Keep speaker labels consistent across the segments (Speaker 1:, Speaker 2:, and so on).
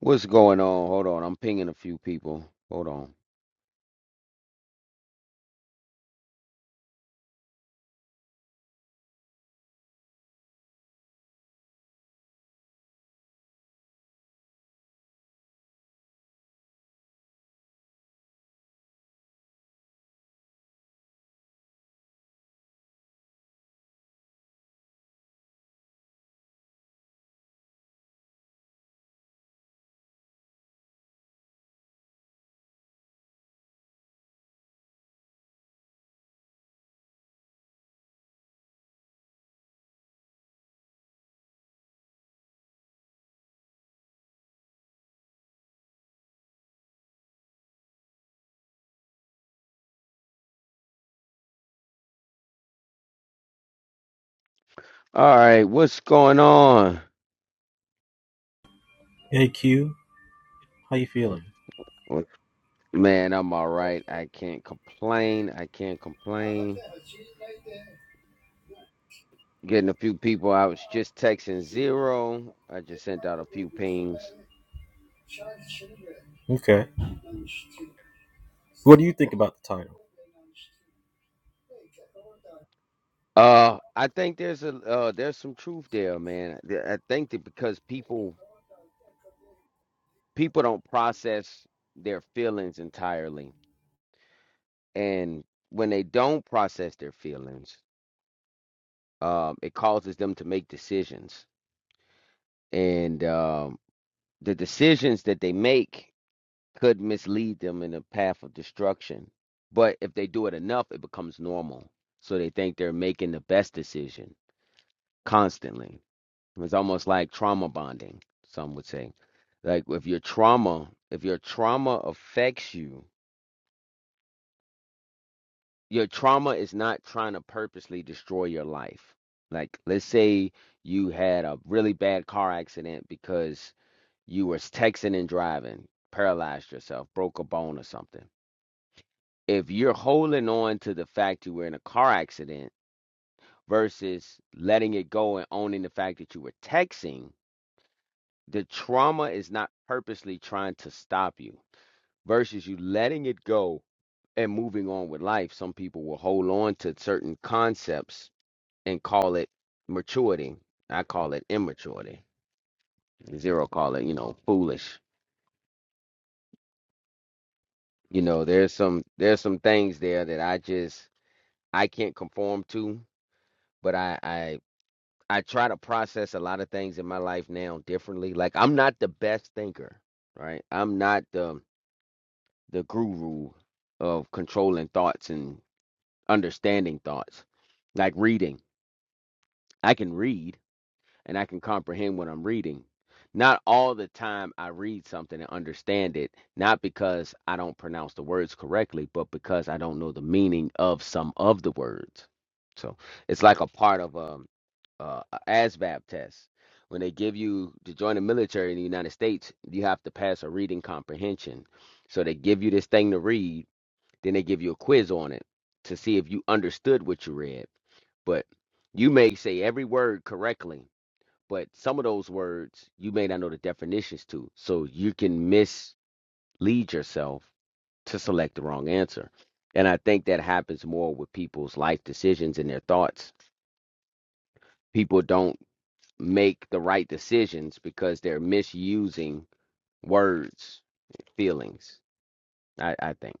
Speaker 1: What's going on? Hold on. I'm pinging a few people. Hold on. All right. What's going on?
Speaker 2: Hey Q, how you feeling?
Speaker 1: What- Man, I'm all right. I can't complain. I can't complain. Getting a few people. I was just texting zero. I just sent out a few pings.
Speaker 2: Okay. What do you think about the title?
Speaker 1: Uh, I think there's a uh, there's some truth there, man. Th- I think that because people people don't process their feelings entirely, and when they don't process their feelings, um, it causes them to make decisions and um, the decisions that they make could mislead them in a path of destruction. But if they do it enough, it becomes normal. So they think they're making the best decision constantly. It's almost like trauma bonding, some would say. Like if your trauma, if your trauma affects you, your trauma is not trying to purposely destroy your life. Like let's say you had a really bad car accident because You were texting and driving, paralyzed yourself, broke a bone or something. If you're holding on to the fact you were in a car accident versus letting it go and owning the fact that you were texting, the trauma is not purposely trying to stop you versus you letting it go and moving on with life. Some people will hold on to certain concepts and call it maturity. I call it immaturity. Zero call it, you know, foolish. You know, there's some there's some things there that I just I can't conform to, but I I I try to process a lot of things in my life now differently. Like I'm not the best thinker, right? I'm not the the guru of controlling thoughts and understanding thoughts. Like reading, I can read and I can comprehend what I'm reading. Not all the time I read something and understand it, not because I don't pronounce the words correctly, but because I don't know the meaning of some of the words. So it's like a part of a uh, a ASVAB test. When they give you to join the military in the United States, you have to pass a reading comprehension. So they give you this thing to read, then they give you a quiz on it to see if you understood what you read. But you may say every word correctly, but some of those words you may not know the definitions to. So you can mislead yourself to select the wrong answer. And I think that happens more with people's life decisions and their thoughts. People don't make the right decisions because they're misusing words, feelings. I, I think,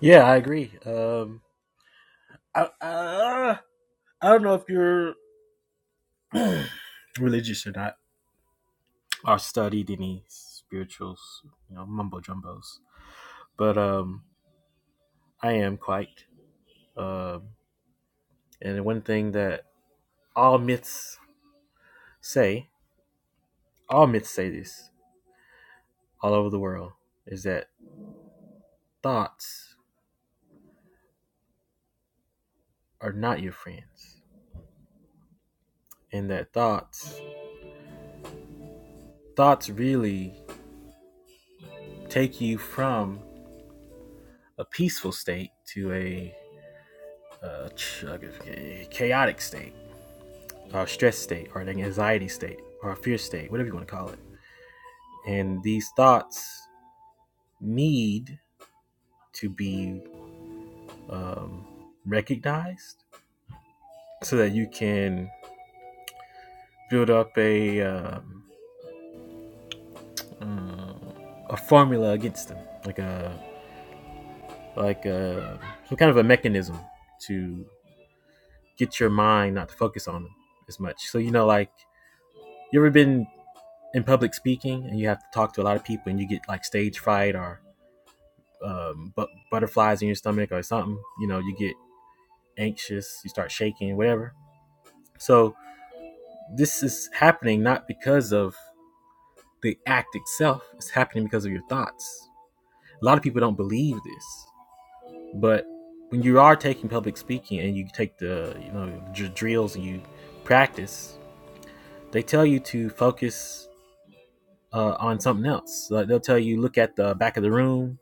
Speaker 2: Yeah, I agree. Um, I, uh, I don't know if you're religious or not, or studied any spirituals, you know, mumbo jumbos. But um, I am quite. Um, and one thing that all myths say, all myths say this all over the world, is that thoughts are not your friends, and that thoughts, thoughts really take you from a peaceful state to a, uh, like a chaotic state, or a stress state, or an anxiety state, or a fear state, whatever you want to call it. And these thoughts need to be um, recognized so that you can build up a um, um, a formula against them, like a like a some kind of a mechanism to get your mind not to focus on them as much. So you know, like you ever been in public speaking and you have to talk to a lot of people and you get like stage fright or um, but butterflies in your stomach or something, you know, you get anxious, you start shaking, whatever. So this is happening not because of the act itself, it's happening because of your thoughts. A lot of people don't believe this, but when you are taking public speaking and you take the, you know, drills and you practice, they tell you to focus uh, on something else. So, Like they'll tell you, look at the back of the room,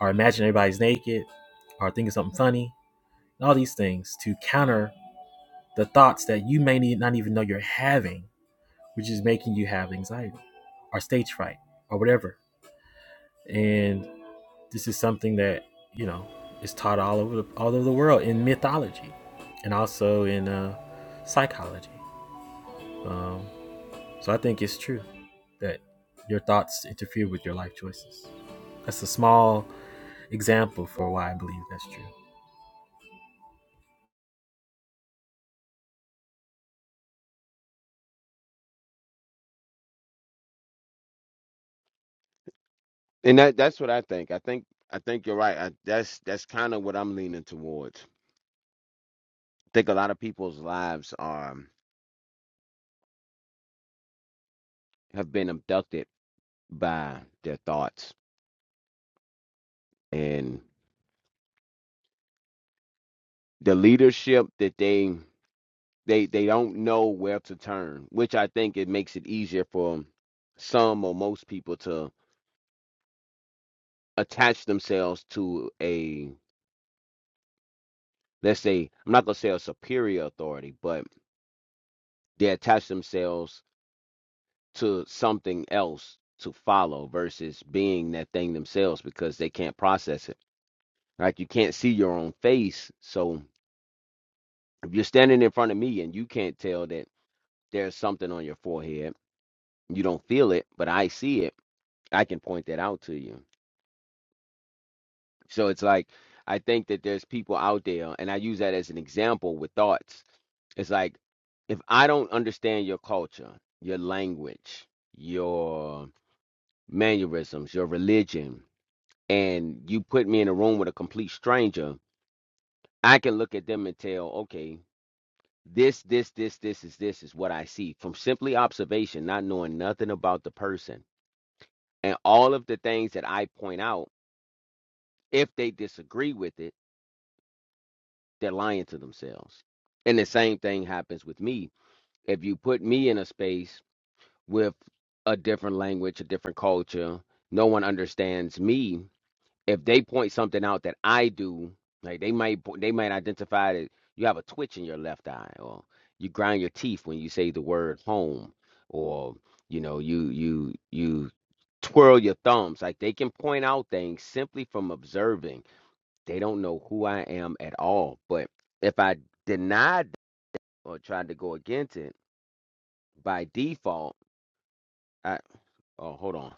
Speaker 2: or imagine everybody's naked, or think of something funny. All these things to counter the thoughts that you may not even know you're having, which is making you have anxiety or stage fright or whatever. And this is something that you know is taught all over the, all over the world in mythology, and also in uh, psychology. Um, so I think it's true that your thoughts interfere with your life choices. That's a small example for why I believe that's true.
Speaker 1: and that that's what I think. I think I think you're right. I, that's that's kind of what I'm leaning towards. I think a lot of people's lives are have been abducted by their thoughts and the leadership that they they they don't know where to turn, which I think it makes it easier for some or most people to attach themselves to a. let's say I'm not gonna say a superior authority, but they attach themselves to something else to follow versus being that thing themselves because they can't process it. Right? you can't see your own face. So if you're standing in front of me and you can't tell that there's something on your forehead, you don't feel it, but I see it, I can point that out to you. So it's like I think that there's people out there, and I use that as an example with thoughts It's like if I don't understand your culture, your language, your mannerisms, your religion, and you put me in a room with a complete stranger, I can look at them and tell, okay, this, this, this, this is this is what I see from simply observation, not knowing nothing about the person. And all of the things that I point out, if they disagree with it, they're lying to themselves. And the same thing happens with me. If you put me in a space with a different language, a different culture. No one understands me. If they point something out that I do, like they might po- they might identify that you have a twitch in your left eye, or you grind your teeth when you say the word home, or you know you you you twirl your thumbs. Like they can point out things simply from observing. They don't know who I am at all. But if I denied or tried to go against it by default, I oh hold on.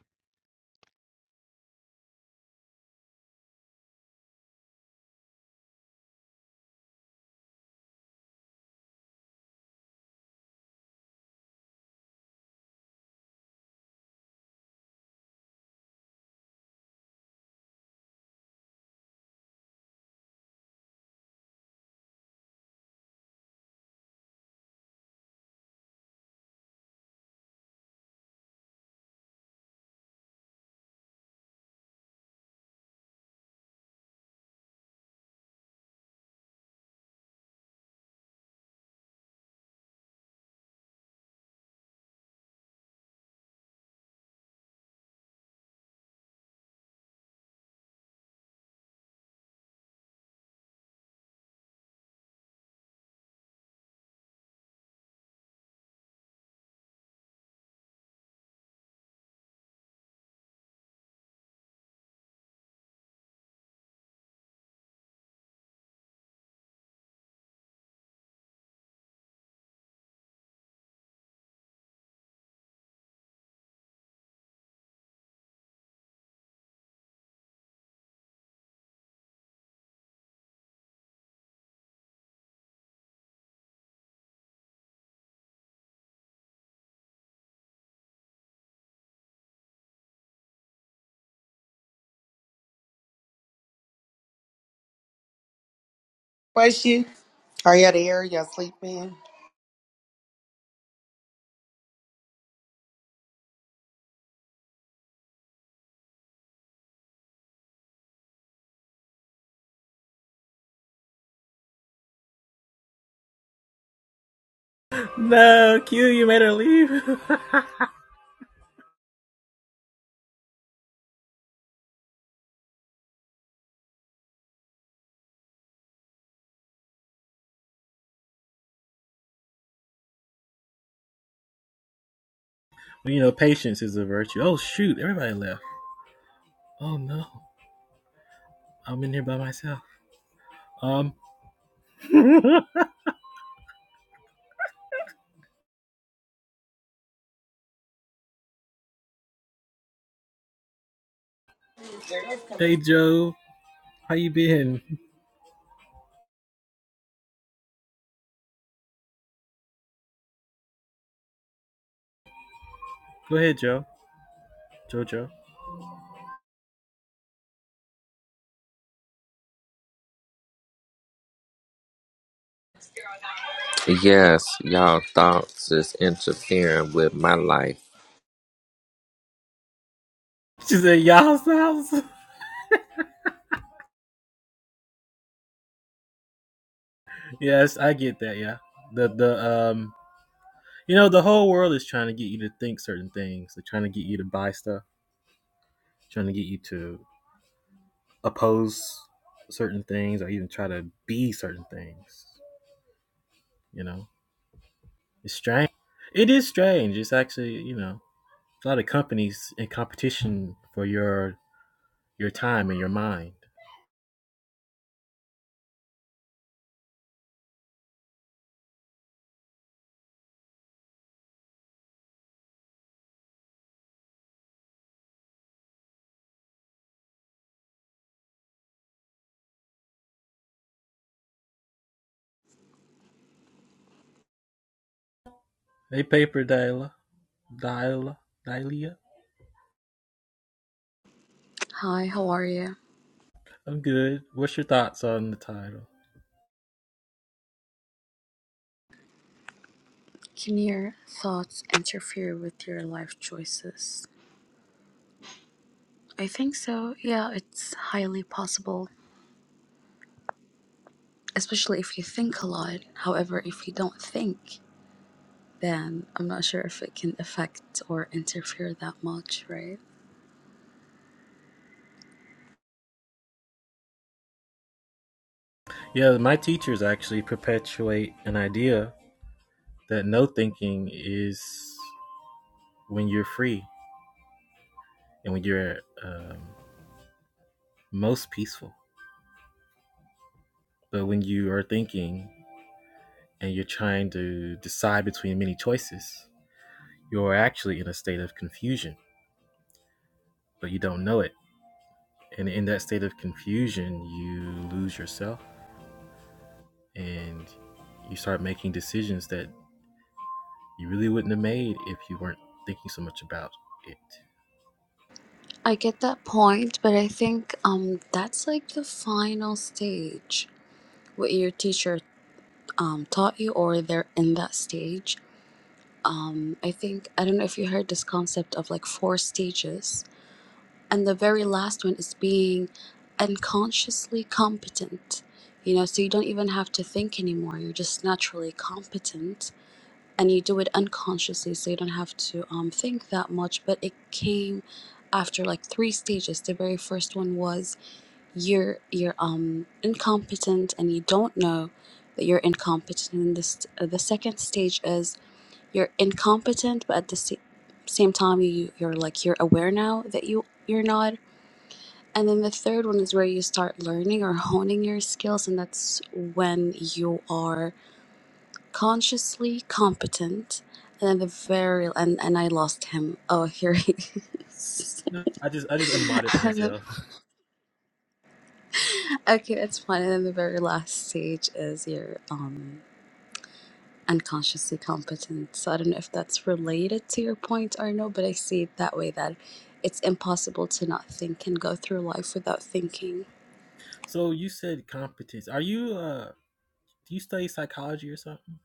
Speaker 3: Question: Are you out of here? Y'all sleeping?
Speaker 2: No, Q, you made her leave. you know, patience is a virtue. Oh shoot, everybody left. Oh no, I'm in here by myself. Um, hey Joe, how you been? Go ahead, Joe. Jojo.
Speaker 4: Yes, y'all thoughts is interfering with my life.
Speaker 2: She said, "Y'all's house." yes, I get that. Yeah, the the um, you know, the whole world is trying to get you to think certain things. They're trying to get you to buy stuff. Trying to get you to oppose certain things, or even try to be certain things. You know, It's strange. It is strange. It's actually, you know, a lot of companies in competition for your your time and your mind. Hey, paper Dila, Dila, Dilia.
Speaker 5: Hi, how are you?
Speaker 2: I'm good. What's your thoughts on the title?
Speaker 5: Can your thoughts interfere with your life choices? I think so. Yeah, it's highly possible, especially if you think a lot. However, if you don't think, then I'm not sure if it can affect or interfere that much, right?
Speaker 2: Yeah, my teachers actually perpetuate an idea that no thinking is when you're free and when you're um, most peaceful. But when you are thinking and you're trying to decide between many choices, you're actually in a state of confusion. but you don't know it. And in that state of confusion, you lose yourself and you start making decisions that you really wouldn't have made if you weren't thinking so much about it.
Speaker 5: I get that point, but I think um that's like the final stage. What your teacher um, taught you, or they're in that stage. Um, I think I don't know if you heard this concept of like four stages and the very last one is being unconsciously competent you know so you don't even have to think anymore you're just naturally competent and you do it unconsciously so you don't have to um, think that much but it came after like three stages the very first one was you're you're um incompetent and you don't know that you're incompetent and this uh, the second stage is you're incompetent but at the sa- same time you you're like you're aware now that you you're not and then the third one is where you start learning or honing your skills, and that's when you are consciously competent. And then the very and and I lost him. Oh, here he is.
Speaker 2: No, I just I just unmodded
Speaker 5: And the-
Speaker 2: myself.
Speaker 5: okay, it's fine. And then the very last stage is your um unconsciously competent. So I don't know if that's related to your point or no, but I see it that way that it's impossible to not think and go through life without thinking.
Speaker 2: So you said competence. Are you uh do you study psychology or something?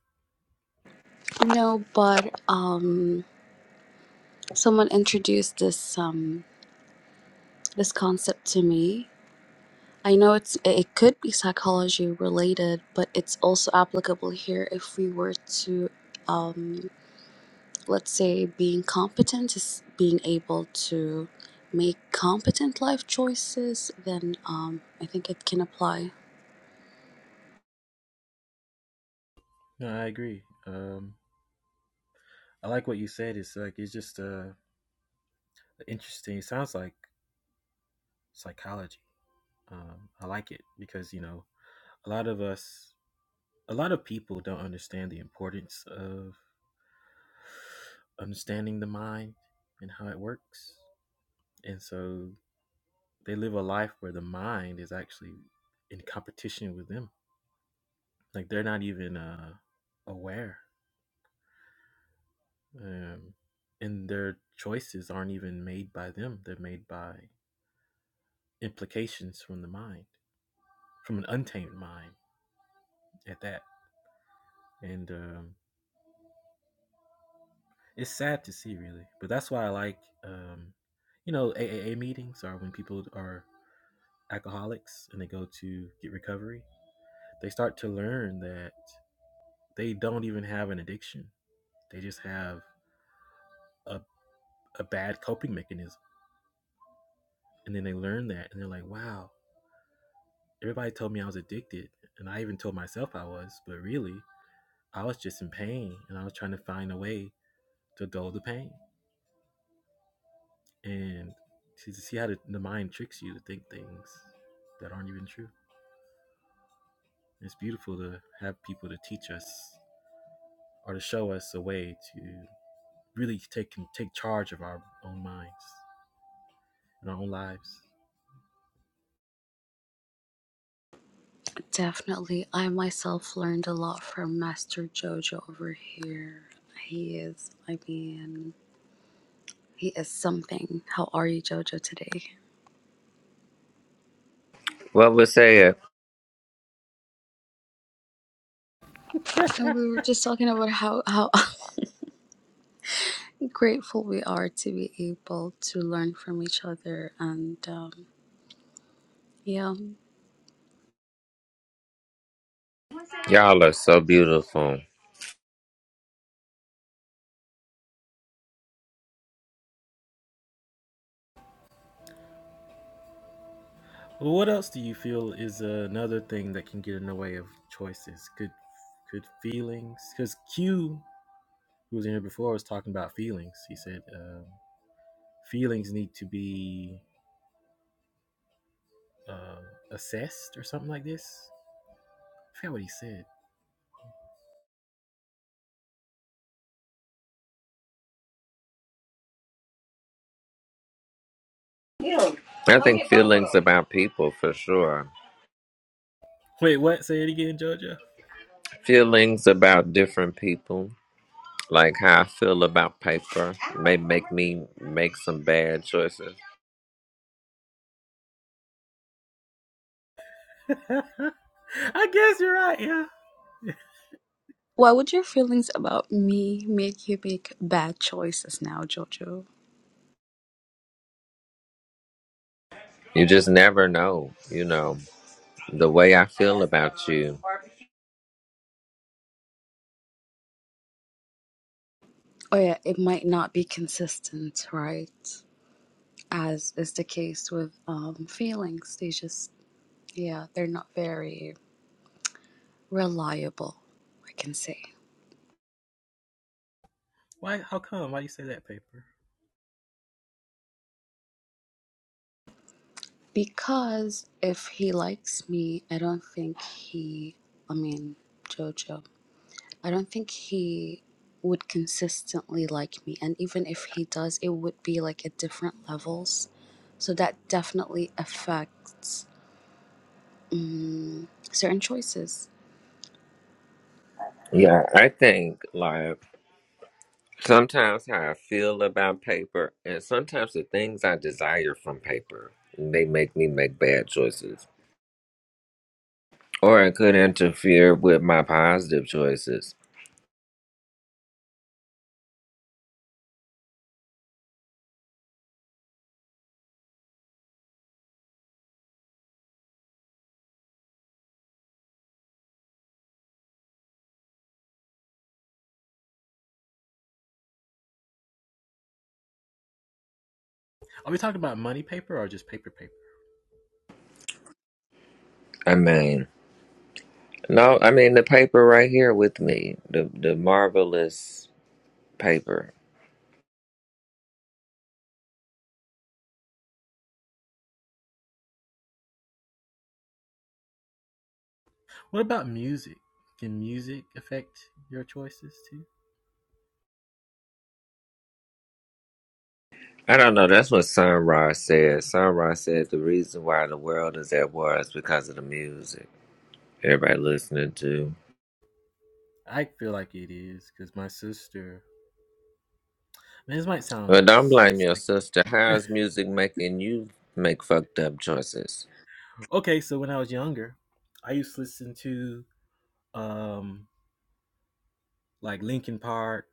Speaker 5: No, but um Someone introduced this um, this concept to me. I know it's it could be psychology related, but it's also applicable here if we were to, um, let's say, being competent is being able to make competent life choices. Then um, I think it can apply.
Speaker 2: No, I agree. Um I like what you said. It's like it's just uh interesting. It sounds like psychology. Um I like it because you know a lot of us a lot of people don't understand the importance of understanding the mind and how it works. And so they live a life where the mind is actually in competition with them. Like they're not even uh, aware. Um, and their choices aren't even made by them, they're made by implications from the mind, from an untamed mind at that. And um, it's sad to see really but that's why i like um you know A A A meetings are when people are alcoholics and they go to get recovery they start to learn that they don't even have an addiction they just have a, a bad coping mechanism and then they learn that and they're like wow everybody told me i was addicted and i even told myself i was but really i was just in pain and i was trying to find a way to dull the pain and to see how the, the mind tricks you to think things that aren't even true It's beautiful to have people to teach us or to show us a way to really take take charge of our own minds and our own lives.
Speaker 5: Definitely, I myself learned a lot from Master Jojo over here. He is, I mean, he is something. How are you, Jojo, today?
Speaker 4: What was said?
Speaker 5: And we were just talking about how, how grateful we are to be able to learn from each other. And um, yeah.
Speaker 4: Y'all are so beautiful.
Speaker 2: Well, what else do you feel is another thing that can get in the way of choices? Good, good feelings. Because Q, who was in here before, was talking about feelings. He said um, feelings need to be uh, assessed or something like this. I forgot what he said.
Speaker 4: I think feelings about people for sure.
Speaker 2: Wait, what? Say it again, Jojo.
Speaker 4: Feelings about different people, like how I feel about paper, may make me make some bad choices.
Speaker 2: I guess you're right. Yeah.
Speaker 5: why would your feelings about me make you make bad choices now, Jojo?
Speaker 4: You just never know, you know, the way I feel about you.
Speaker 5: Oh, yeah, it might not be consistent, right? As is the case with um, feelings. They just, yeah, they're not very reliable, I can say.
Speaker 2: Why? How come? Why do you say that paper?
Speaker 5: Because if he likes me, I don't think he, I mean, Jojo. I don't think he would consistently like me. And even if he does, it would be like at different levels. So that definitely affects mm certain choices.
Speaker 4: Yeah, I think like. Sometimes how I feel about paper, and sometimes the things I desire from paper, they make me make bad choices, or it could interfere with my positive choices.
Speaker 2: Are we talking about money paper or just paper paper?
Speaker 4: I mean, no, I mean the paper right here with me, the the marvelous paper.
Speaker 2: What about music? Can music affect your choices too?
Speaker 4: I don't know. That's what Sun Ra said. Sun Ra said the reason why the world is at war is because of the music. Everybody listening to.
Speaker 2: I feel like it is because my sister. Man, this might
Speaker 4: But
Speaker 2: sound.
Speaker 4: don't blame your
Speaker 2: sick.
Speaker 4: sister. How is music making you make fucked up choices?
Speaker 2: Okay, so when I was younger, I used to listen to um like Linkin Park.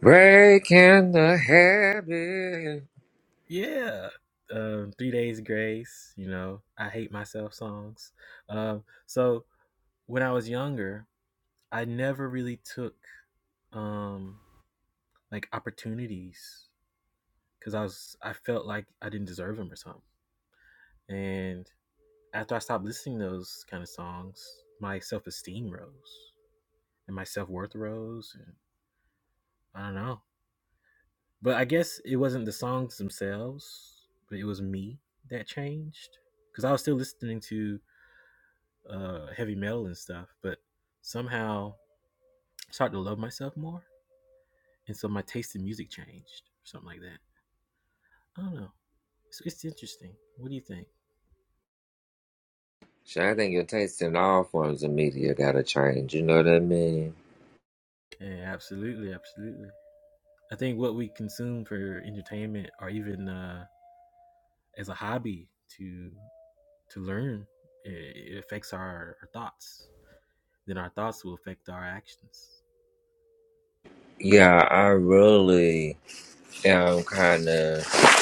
Speaker 4: Breaking the habit.
Speaker 2: Yeah. Um, Three Days Grace, you know, I Hate Myself songs. Um, so when I was younger, I never really took um like opportunities because I was I felt like I didn't deserve them or something. And after I stopped listening to those kind of songs, my self esteem rose and my self worth rose, and I don't know. But I guess it wasn't the songs themselves, but it was me that changed because I was still listening to uh, heavy metal and stuff, but somehow I started to love myself more, and so my taste in music changed, or something like that. I don't know. It's, it's interesting. What do you think?
Speaker 4: Sure, I think your taste in all forms of media gotta change. You know what I mean?
Speaker 2: Yeah, absolutely, absolutely. I think what we consume for entertainment or even uh, as a hobby to to learn, it, it affects our, our thoughts. Then our thoughts will affect our actions.
Speaker 4: Yeah, I really am kind of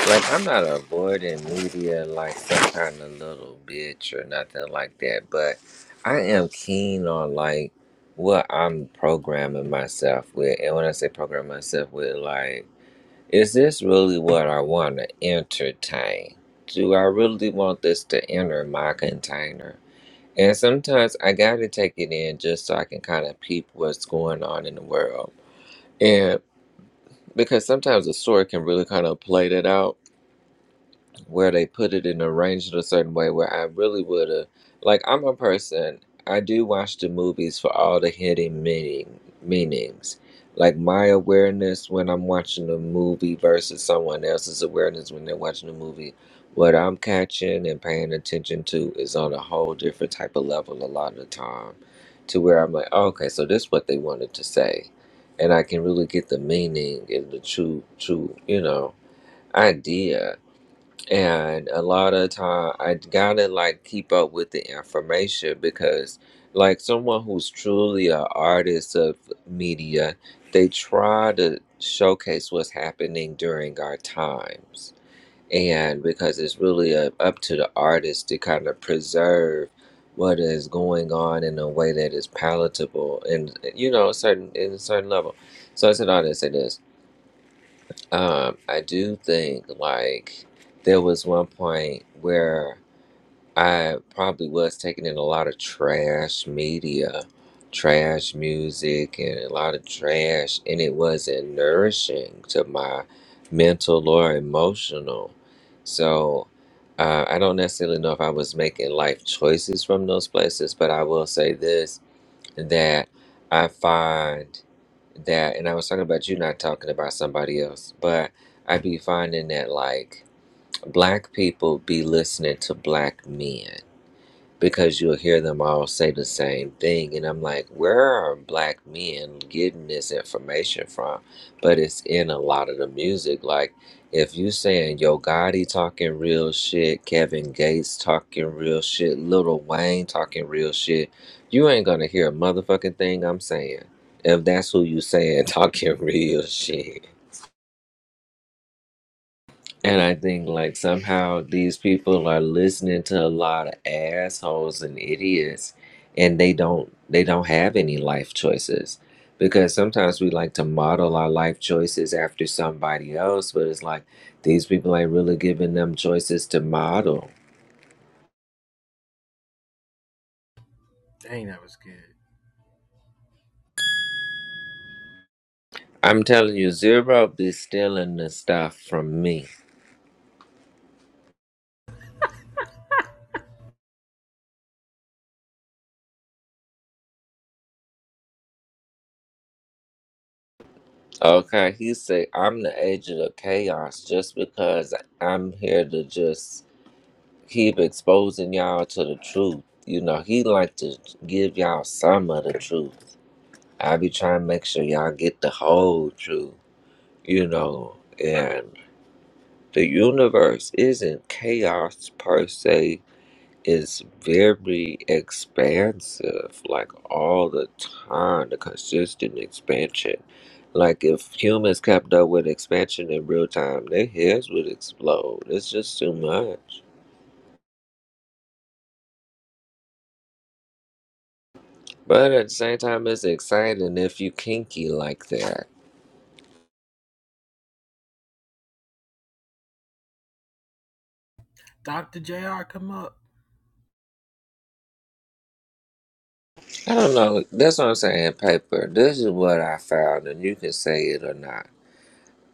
Speaker 4: like I'm not avoiding media like some kind of little bitch or nothing like that, but I am keen on like what I'm programming myself with, and when I say program myself with, like. Is this really what I want to entertain? Do I really want this to enter my container? And sometimes I got to take it in just so I can kind of peep what's going on in the world. And because sometimes the story can really kind of play that out where they put it and arranged it a certain way where I really would have like I'm a person I do watch the movies for all the hidden meaning meanings. Like my awareness when I'm watching a movie versus someone else's awareness when they're watching a movie, what I'm catching and paying attention to is on a whole different type of level a lot of the time. To where I'm like, oh, okay, so this is what they wanted to say. And I can really get the meaning and the true true, you know, idea and a lot of time i gotta like keep up with the information because like someone who's truly an artist of media they try to showcase what's happening during our times and because it's really uh up to the artist to kind of preserve what is going on in a way that is palatable and you know a certain in a certain level so i said all this say this. Um, I do think like there was one point where I probably was taking in a lot of trash media, trash music, and a lot of trash, and it wasn't nourishing to my mental or emotional. So uh, I don't necessarily know if I was making life choices from those places, but I will say this that I find that and I was talking about you not talking about somebody else, but I be finding that like black people be listening to black men because you'll hear them all say the same thing. And I'm like, where are black men getting this information from? But it's in a lot of the music. Like, if you saying Yo Gotti talking real shit, Kevin Gates talking real shit, Little Wayne talking real shit, you ain't gonna hear a motherfucking thing I'm saying. If that's who you saying talking real shit. And I think like somehow these people are listening to a lot of assholes and idiots and they don't they don't have any life choices. Because sometimes we like to model our life choices after somebody else, but it's like these people ain't really giving them choices to model.
Speaker 2: Dang, that was good.
Speaker 4: I'm telling you, Zero be stealing the stuff from me. Okay, he said I'm the agent of chaos just because I'm here to just keep exposing y'all to the truth. You know, he like to give y'all some of the truth. I be trying to make sure y'all get the whole truth, you know, and the universe isn't chaos per se. It's very expansive, like all the time, the consistent expansion. Like if humans kept up with expansion in real time, their heads would explode. It's just too much. But at the same time, it's exciting if you kinky like that.
Speaker 2: Dr. JR, come up.
Speaker 4: I don't know. That's what I'm saying, paper. This is what I found, and you can say it or not.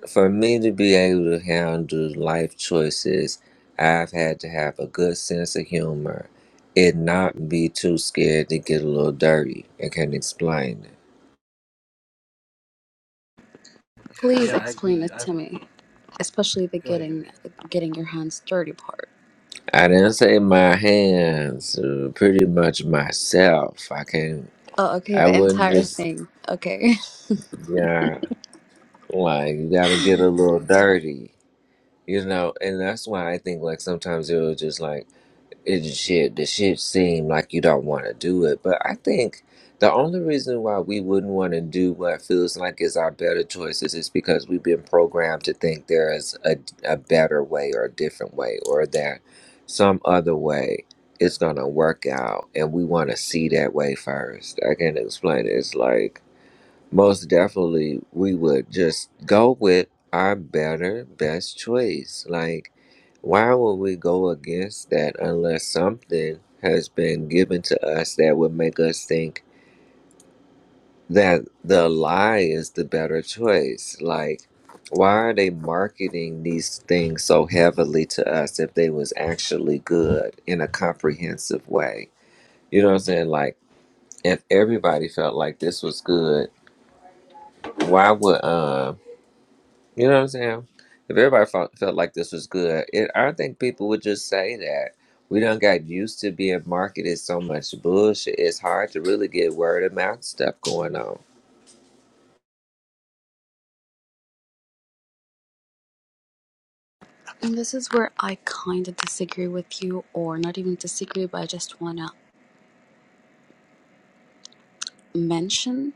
Speaker 4: For me to be able to handle life choices, I've had to have a good sense of humor and not be too scared to get a little dirty I can explain it.
Speaker 5: Please
Speaker 2: Yeah, I
Speaker 5: explain
Speaker 2: agree.
Speaker 5: it
Speaker 2: I,
Speaker 5: to me, especially the
Speaker 2: go ahead, go
Speaker 5: getting
Speaker 2: ahead.
Speaker 5: getting your hands dirty part.
Speaker 4: I didn't say my hands, uh, pretty much myself. I can
Speaker 5: Oh, okay,
Speaker 4: I
Speaker 5: the
Speaker 4: wouldn't
Speaker 5: entire
Speaker 4: just,
Speaker 5: thing. Okay.
Speaker 4: yeah, like, you gotta get a little dirty. You know, and that's why I think like sometimes it was just like it shit the shit seemed like you don't want to do it. But I think the only reason why we wouldn't want to do what feels like is our better choices is because we've been programmed to think there is a, a better way or a different way or that some other way is gonna work out and we wanna see that way first. I can't explain it. It's like most definitely, we would just go with our better, best choice. Like, why would we go against that unless something has been given to us that would make us think that the lie is the better choice? Like, why are they marketing these things so heavily to us if they was actually good in a comprehensive way? You know what I'm saying? Like, if everybody felt like this was good, why would um You know what I'm saying? If everybody felt, felt like this was good, it, I think people would just say that. We done got used to being marketed so much bullshit. It's hard to really get word of mouth stuff going on.
Speaker 5: And this is where I kind of disagree with you, or not even disagree, but I just want to mention.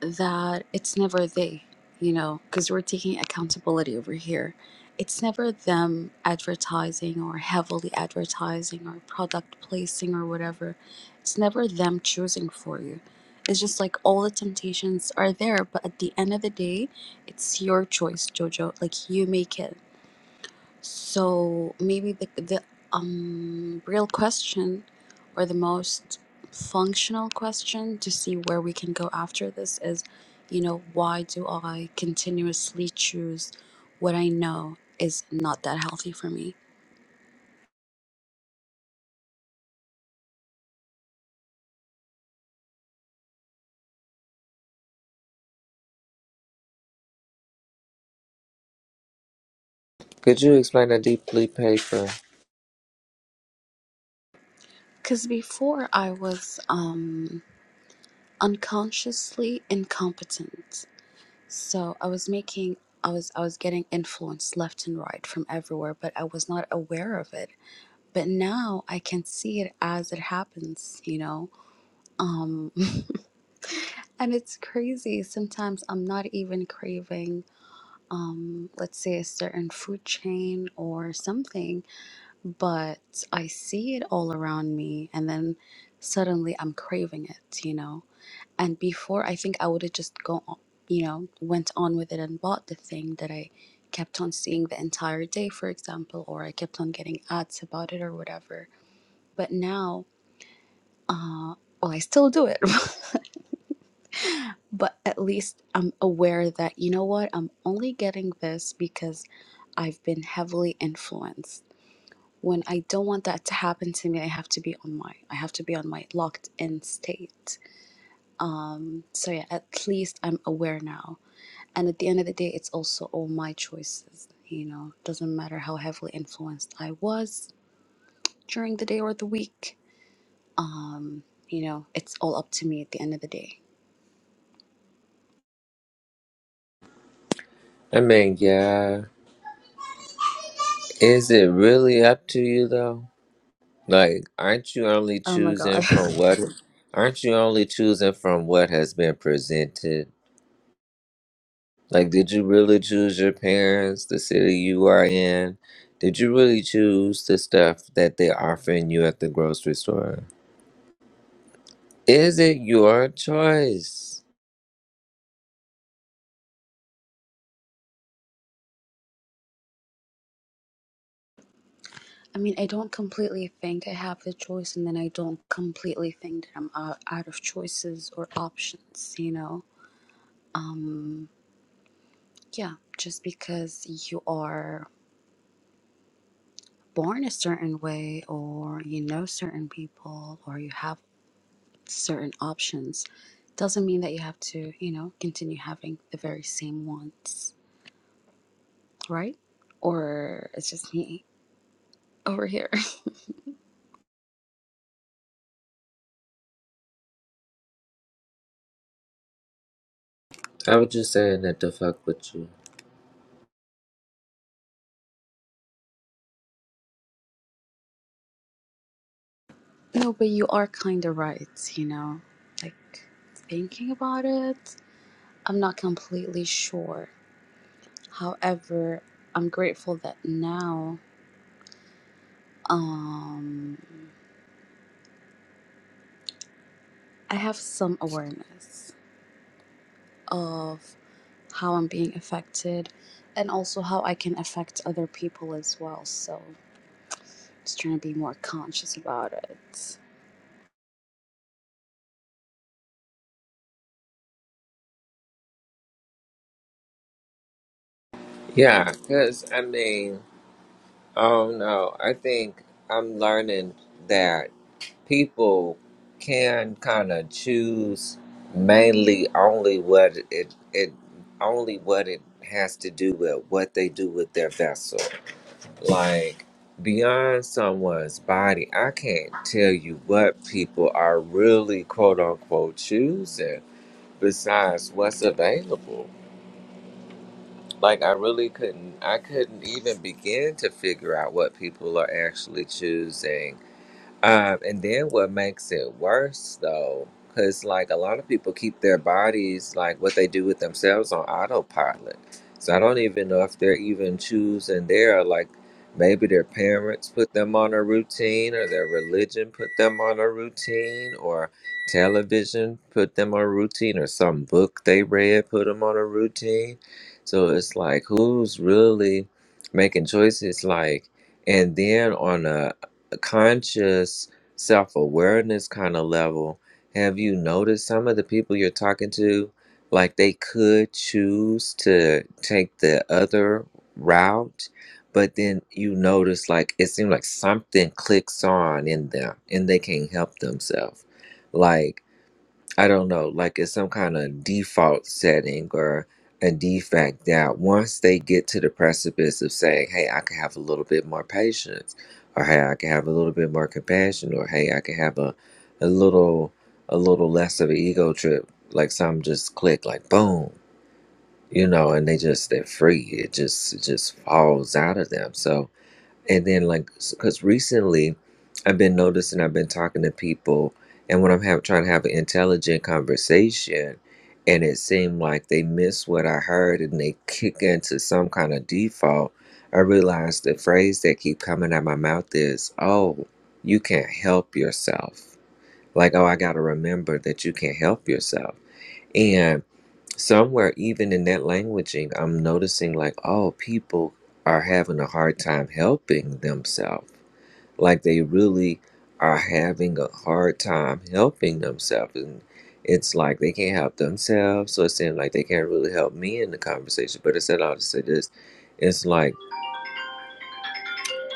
Speaker 5: that it's never they, you know, because we're taking accountability over here. It's never them advertising or heavily advertising or product placing or whatever. It's never them choosing for you. It's just like all the temptations are there, but at the end of the day, it's your choice, Jojo. Like you make it so maybe the the um real question or the most functional question to see where we can go after this is, you know, why do I continuously choose what I know is not that healthy for me?
Speaker 4: Could you explain that deeply, paper?
Speaker 5: Cuz before I was um unconsciously incompetent. So I was making I was I was getting influence left and right from everywhere, but I was not aware of it. But now I can see it as it happens, you know. Um and it's crazy. Sometimes I'm not even craving um let's say a certain food chain or something, but I see it all around me and then suddenly I'm craving it, you know and before i think i would have just gone on- you know went on with it and bought the thing that i kept on seeing the entire day for example or i kept on getting ads about it or whatever but now uh well i still do it but at least i'm aware that you know what i'm only getting this because i've been heavily influenced when i don't want that to happen to me i have to be on my i have to be on my locked in state um so yeah at least i'm aware now and at the end of the day it's also all my choices you know doesn't matter how heavily influenced i was during the day or the week um you know it's all up to me at the end of the day
Speaker 4: I mean, yeah. Is it really up to you though? Like, aren't you only
Speaker 5: oh my god
Speaker 4: choosing from what? Aren't you only choosing from what has been presented? Like, did you really choose your parents, the city you are in? Did you really choose the stuff that they're offering you at the grocery store? Is it your choice?
Speaker 5: i mean i don't completely think i have the choice and then i don't completely think that i'm out, out of choices or options you know um yeah just because you are born a certain way or you know certain people or you have certain options doesn't mean that you have to, you know, continue having the very same ones, right? Or it's just me over here.
Speaker 4: I was just saying that to fuck with you.
Speaker 5: no, but you are kind of right, you know, like thinking about it. I'm not completely sure. However, I'm grateful that now um, I have some awareness of how I'm being affected and also how I can affect other people as well. So Just trying to be more conscious about it.
Speaker 4: Yeah, because, I mean, oh no, I think I'm learning that people can kind of choose mainly only what it, it only what it has to do with what they do with their vessel Like beyond someone's body, I can't tell you what people are really quote unquote choosing besides what's available. Like I really couldn't I couldn't even begin to figure out what people are actually choosing um, and then what makes it worse though, because like a lot of people keep their bodies, like what they do with themselves, on autopilot. So I don't even know if they're even choosing there. Like maybe their parents put them on a routine, or their religion put them on a routine, or television put them on a routine, or some book they read put them on a routine. So it's like who's really making choices like and then on a conscious self awareness kind of level, have you noticed some of the people you're talking to, like they could choose to take the other route, but then you notice like it seems like something clicks on in them and they can't help themselves. like. I don't know, like it's some kind of default setting or a defect that once they get to the precipice of saying, hey, I can have a little bit more patience, or hey, I can have a little bit more compassion, or hey, I can have a, a little a little less of an ego trip, like some just click like boom, you know, and they just they're free. It just it just falls out of them. So and then, like, because recently I've been noticing, I've been talking to people, and when I'm have, trying to have an intelligent conversation, and it seemed like they miss what I heard and they kick into some kind of default, I realized the phrase that keep coming out my mouth is, oh, you can't help yourself. Like, oh, I got to remember that you can't help yourself. and somewhere even in that languaging i'm noticing like oh people are having a hard time helping themselves like they really are having a hard time helping themselves and it's like they can't help themselves so it seems like they can't really help me in the conversation but it's said all to say this it's like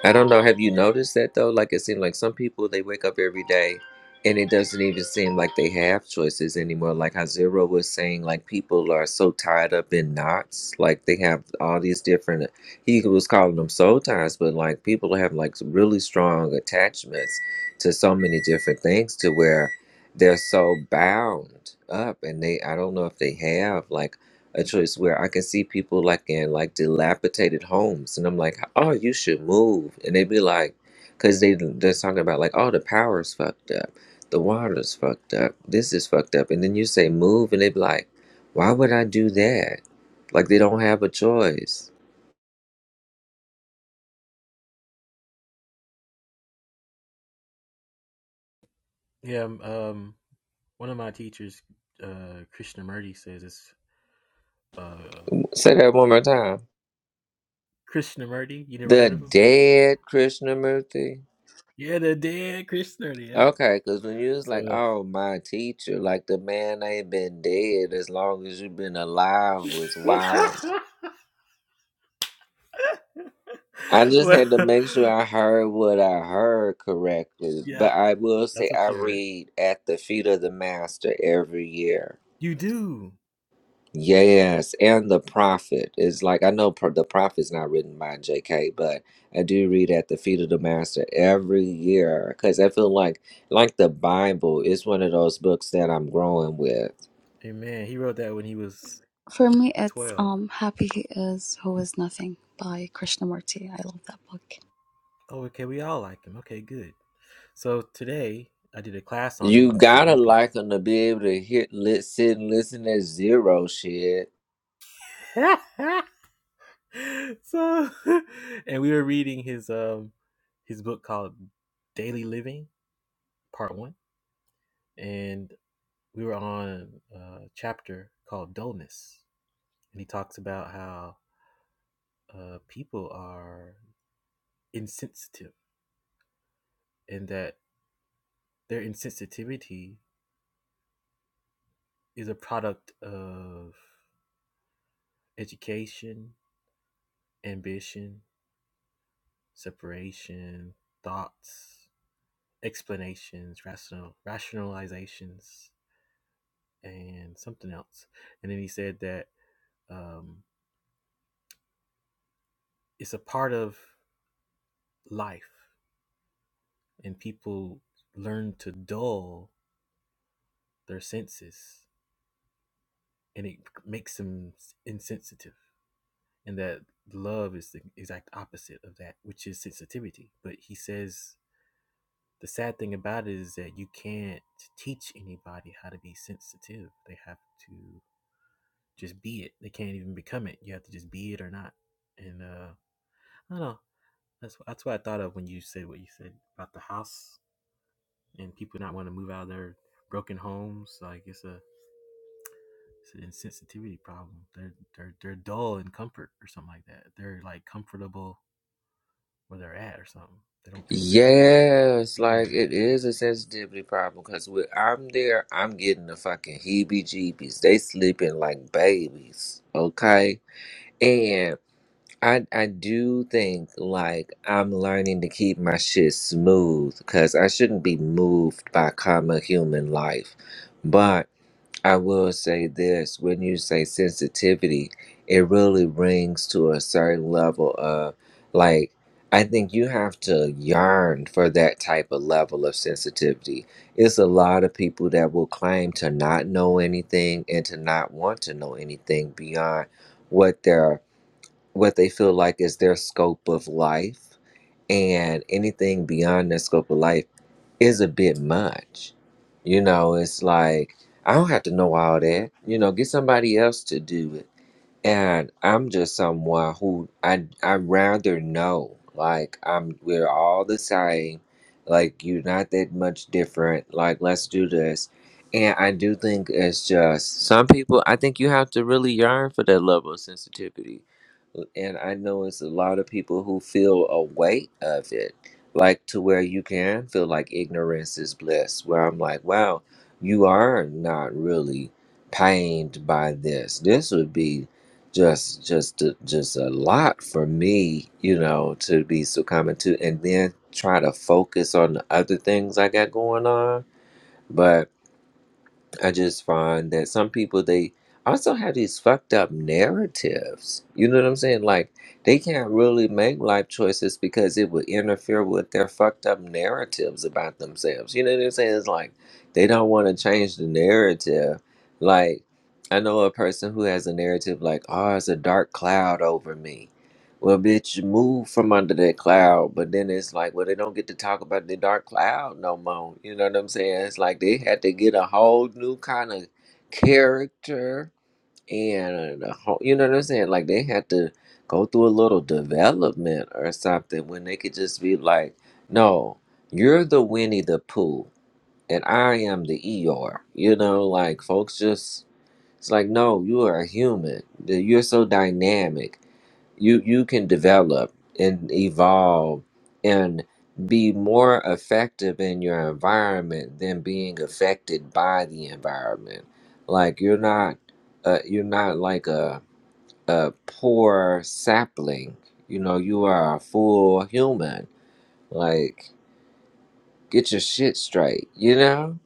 Speaker 4: I don't know. Have you noticed that though? Like it seems like some people they wake up every day and it doesn't even seem like they have choices anymore. Like how Zero was saying, like people are so tied up in knots. Like they have all these different he was calling them soul ties, but like people have like really strong attachments to so many different things to where they're so bound up and they I don't know if they have like a choice where I can see people like in like dilapidated homes, and I'm like, oh, you should move, and they be like, because they they're talking about like, oh, the power's fucked up, the water's fucked up, this is fucked up, and then you say move, and they be like, why would I do that? Like they don't have a choice.
Speaker 2: Yeah, um, um, one of my teachers, uh, Krishnamurti says it's uh,
Speaker 4: Say that one more time.
Speaker 2: Krishnamurti. You never
Speaker 4: The
Speaker 2: heard of him?
Speaker 4: dead Krishnamurti.
Speaker 2: Yeah, the dead Krishnamurti. Yeah.
Speaker 4: Okay, because when you was like,
Speaker 2: So,
Speaker 4: oh, my teacher, like the man ain't been dead as long as you've been alive was wild. I just
Speaker 2: well,
Speaker 4: had to make sure I heard what I heard correctly.
Speaker 2: yeah,
Speaker 4: But I will say
Speaker 2: that's
Speaker 4: I
Speaker 2: what you heard.
Speaker 4: read at the feet of the master every year.
Speaker 2: You do.
Speaker 4: Yes, and the prophet is like I know pro- the prophet's not written by J.K., but I do read at the feet of the master every year because I feel like like the Bible is one of those books that I'm growing with.
Speaker 2: Amen. He wrote that when he was
Speaker 5: For me, it's
Speaker 2: twelve.
Speaker 5: um, Happy is Who is Nothing by Krishnamurti. I love that book.
Speaker 2: Oh, okay. We all like him. Okay, good. So today I did a class on him
Speaker 4: You
Speaker 2: with some
Speaker 4: gotta
Speaker 2: old people.
Speaker 4: like them to be able to hit, lit, sit, and listen at zero shit
Speaker 2: so and we were reading his um his book called Daily Living Part 1 and we were on a chapter called dullness and he talks about how uh people are insensitive and that their insensitivity is a product of education, ambition, separation, thoughts, explanations, rational rationalizations and something else. And then he said that um, it's a part of life, and people learn to dull their senses, and it makes them insensitive. And that love is the exact opposite of that, which is sensitivity. But he says the sad thing about it is that you can't teach anybody how to be sensitive. They have to just be it. They can't even become it. You have to just be it or not. And uh, I don't know. That's that's what I thought of when you said what you said about the house and people not want to move out of their broken homes. Like it's a it's an insensitivity problem. They're they're they're dull in comfort or something like that. They're like comfortable where they're at or something. They don't think.
Speaker 4: Yes, like
Speaker 2: Yeah.
Speaker 4: it is a sensitivity problem because when I'm there, I'm getting the fucking heebie jeebies. They sleeping like babies, okay? And I I do think like I'm learning to keep my shit smooth because I shouldn't be moved by common human life. I will say this when you say sensitivity, it really rings to a certain level of like, I think you have to yearn for that type of level of sensitivity. It's a lot of people that will claim to not know anything and to not want to know anything beyond what their what they feel like is their scope of life and anything beyond that scope of life is a bit much. You know, it's like I don't have to know all that. You know, get somebody else to do it and I'm just someone who I I rather know. Like I'm we're all the same. Like you're not that much different. Like let's do this. And I do think it's just some people I think you have to really yearn for that level of sensitivity. And I know it's a lot of people who feel a weight of it. Like to where you can feel like ignorance is bliss. Where I'm like, wow, you are not really pained by this. This would be just just just a lot for me you know to be succumbing to and then try to focus on the other things i got going on but I just find that some people they also have these fucked up narratives. You know what I'm saying? Like they can't really make life choices because it would interfere with their fucked up narratives about themselves. You know what I'm saying? It's like they don't want to change the narrative. Like I know a person who has a narrative like, "Oh, it's a dark cloud over me." Well, bitch, move from under that cloud. But then it's like, well, they don't get to talk about the dark cloud no more. You know what I'm saying? It's like they had to get a whole new kind of character and a whole, you know what I'm saying? Like they had to go through a little development or something when they could just be like, no, you're the Winnie the Pooh and I am the Eeyore. You know, like folks just, it's like, no, you are a human. You're so dynamic you you can develop and evolve and be more effective in your environment than being affected by the environment like you're not uh, you're not like a a poor sapling you know you are a full human like get your shit straight you know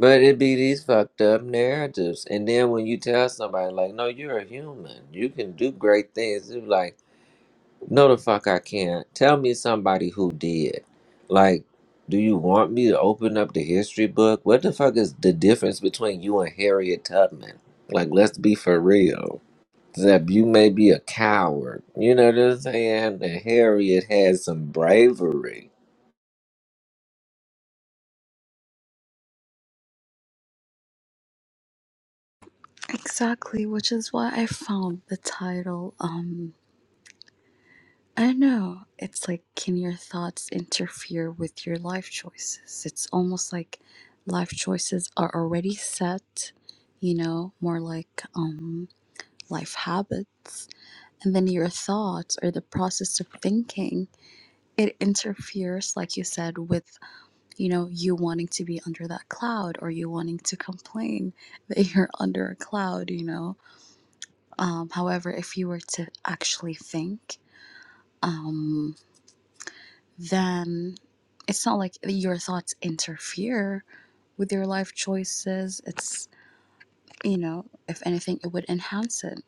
Speaker 4: but it be these fucked up narratives and then when you tell somebody like no you're a human you can do great things it's like No, the fuck I can't. Tell me somebody who did. Like, do you want me to open up the history book? What the fuck is the difference between you and Harriet Tubman? Like, let's be for real. Zeb, you may be a coward. You know what I'm saying? And Harriet had some bravery.
Speaker 5: Exactly, which is why I found the title. Um, I don't know. It's like, can your thoughts interfere with your life choices? It's almost like life choices are already set, you know, more like um, life habits. And then your thoughts or the process of thinking, it interferes, like you said, with you know, you wanting to be under that cloud or you wanting to complain that you're under a cloud, you know. Um, however, if you were to actually think, um, then it's not like your thoughts interfere with your life choices. It's, you know, if anything, it would enhance it.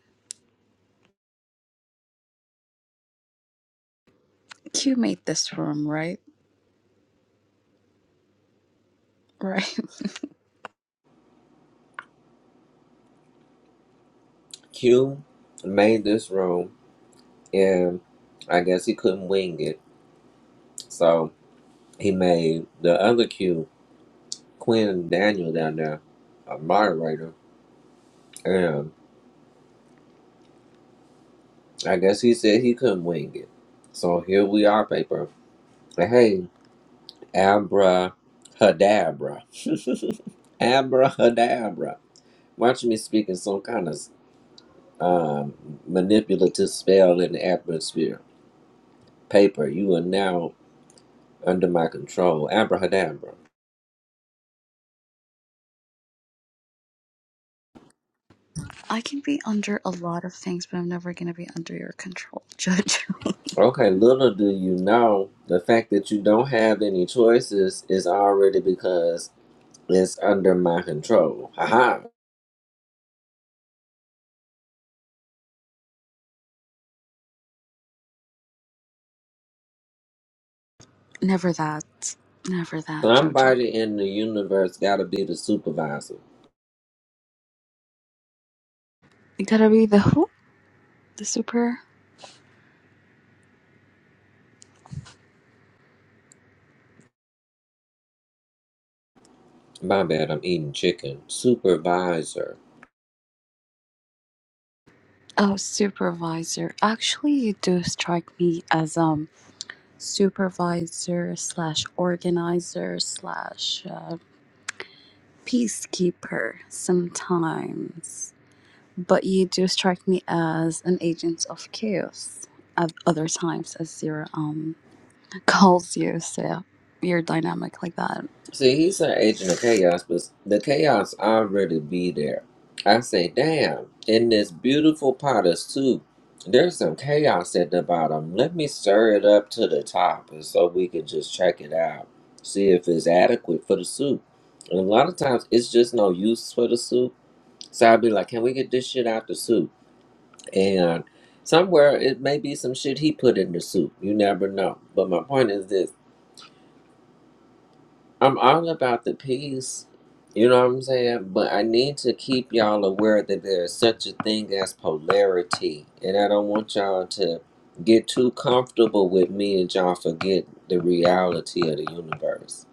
Speaker 5: Q made this room, right? Right.
Speaker 4: Q made this room, and I guess he couldn't wing it. So he made the other Q, Quinn Daniel, down there, a moderator. I guess he said he couldn't wing it. So here we are, paper. Hey, Abra Hadabra. Abra Hadabra. Watch me speaking some kind of um, manipulative spell in the atmosphere. Paper, you are now under my control. Abrahadabra.
Speaker 5: I can be under a lot of things, but I'm never going to be under your control, Jojo.
Speaker 4: Okay, little do you know, the fact that you don't have any choices is already because it's under my control. Haha.
Speaker 5: Never that. Never that, Jojo.
Speaker 4: Somebody in the universe gotta be the supervisor.
Speaker 5: You gotta be the who? The super
Speaker 4: My bad, I'm eating chicken. Supervisor.
Speaker 5: oh supervisor. Actually, you do strike me as um supervisor slash organizer slash uh, peacekeeper sometimes, but you do strike me as an agent of chaos at other times as your um calls you. So your dynamic like that.
Speaker 4: See, he's an agent of chaos, but the chaos already be there. I say, damn, in this beautiful pot of soup, there's some chaos at the bottom. Let me stir it up to the top and so we can just check it out. See if it's adequate for the soup. And a lot of times it's just no use for the soup. So I'd be like, can we get this shit out the soup? And somewhere it may be some shit he put in the soup. You never know. But my point is this. I'm all about the peace. You know what I'm saying? But I need to keep y'all aware that there's such a thing as polarity. And I don't want y'all to get too comfortable with me and y'all forget the reality of the universe.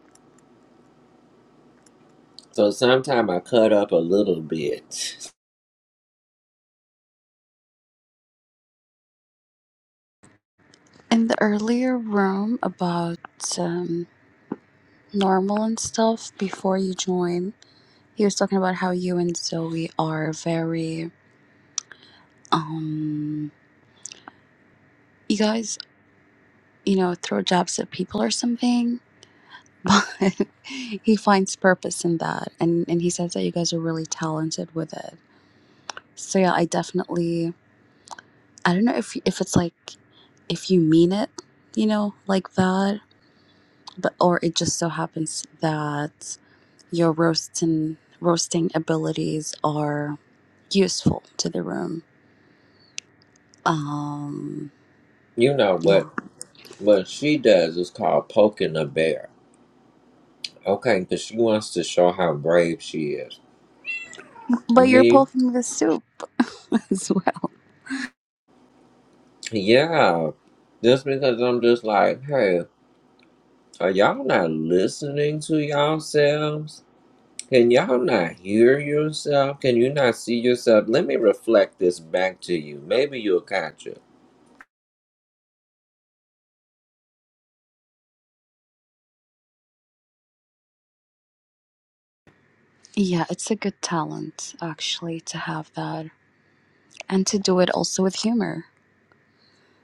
Speaker 4: So sometimes I cut up a little bit.
Speaker 5: In the earlier room about um, normal and stuff before you join. He was talking about how you and Zoe are very, um, you guys, you know, throw jabs at people or something, but he finds purpose in that. And, and he says that you guys are really talented with it. So, yeah, I definitely, I don't know if, if it's like, if you mean it, you know, like that, but, or it just so happens that your roasting, roasting abilities are useful to the room. Um,
Speaker 4: You know,
Speaker 5: yeah,
Speaker 4: what what she does is called poking a bear. Okay, because she wants to show how brave she is.
Speaker 5: But you're
Speaker 4: Me,
Speaker 5: poking the soup as well.
Speaker 4: yeah. Just because I'm just like, hey, Are y'all not listening to yourselves? Can y'all not hear yourself? Can you not see yourself? Let me reflect this back to you. Maybe you'll catch it.
Speaker 5: Yeah, it's a good talent actually to have that and to do it also with humor.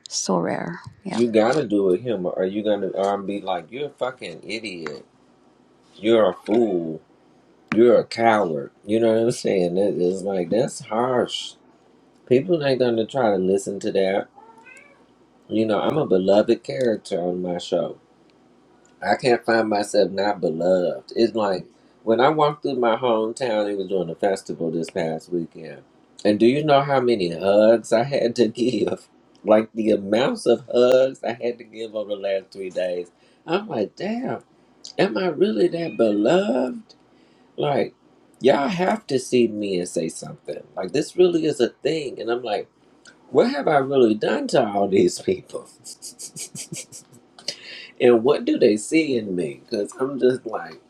Speaker 5: So rare. Yeah.
Speaker 4: You gotta do it him, or you gonna or I'm be like, you're a fucking idiot. You're a fool. You're a coward. You know what I'm saying? It- It's like that's harsh. People ain't gonna try to listen to that. You know, I'm a beloved character on my show. I can't find myself not beloved. It's like when I walked through my hometown, it was during a festival this past weekend. And do you know how many hugs I had to give? Like the amounts of hugs I had to give over the last three days. I'm like, damn, am I really that beloved? Like, y'all have to see me and say something. Like, this really is a thing. And I'm like, what have I really done to all these people? And what do they see in me? Because I'm just like,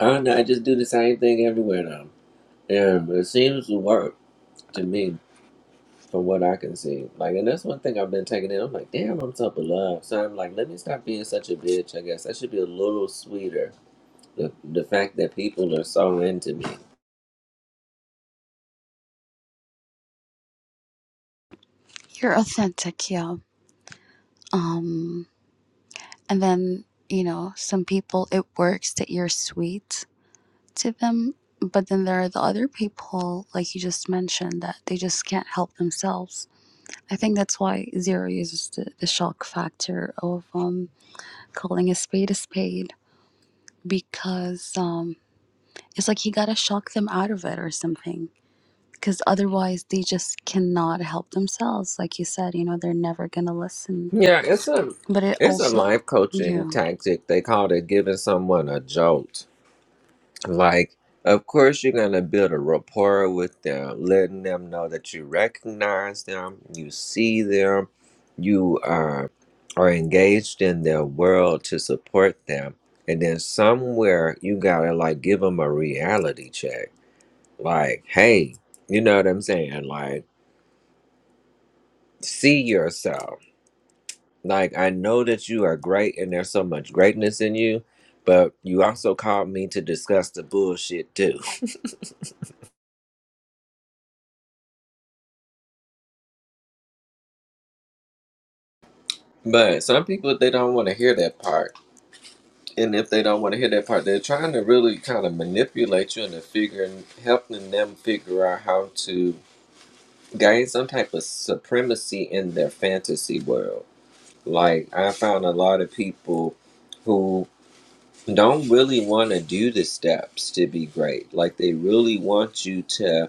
Speaker 4: I don't know, I just do the same thing everywhere though. And it seems to work to me from what I can see. Like, and that's one thing I've been taking in. I'm like, damn, I'm so beloved. So I'm like, let me stop being such a bitch, I guess. I should be a little sweeter. The, the fact that people are so into me.
Speaker 5: You're authentic, yeah. Um and then, you know, some people it works that you're sweet to them, but then there are the other people like you just mentioned that they just can't help themselves. I think that's why Zero uses the, the shock factor of um calling a spade a spade because um It's like he gotta shock them out of it or something. Because otherwise, they just cannot help themselves. Like you said, you know, they're never gonna listen.
Speaker 4: Yeah, it's a
Speaker 5: But it
Speaker 4: it's a
Speaker 5: also,
Speaker 4: life coaching
Speaker 5: yeah.
Speaker 4: tactic. They called it giving someone a jolt. Like, of course, you're gonna build a rapport with them, letting them know that you recognize them, you see them, you uh, are engaged in their world to support them, and then somewhere you gotta like give them a reality check. Like, hey, you know what I'm saying? Like, see yourself. Like, I know that you are great, and there's so much greatness in you, but you also called me to discuss the bullshit too. But some people they don't want to hear that part, and if they don't want to hear that part, they're trying to really kind of manipulate you into figuring, helping them figure out how to gain some type of supremacy in their fantasy world. Like I found a lot of people who don't really want to do the steps to be great. Like they really want you to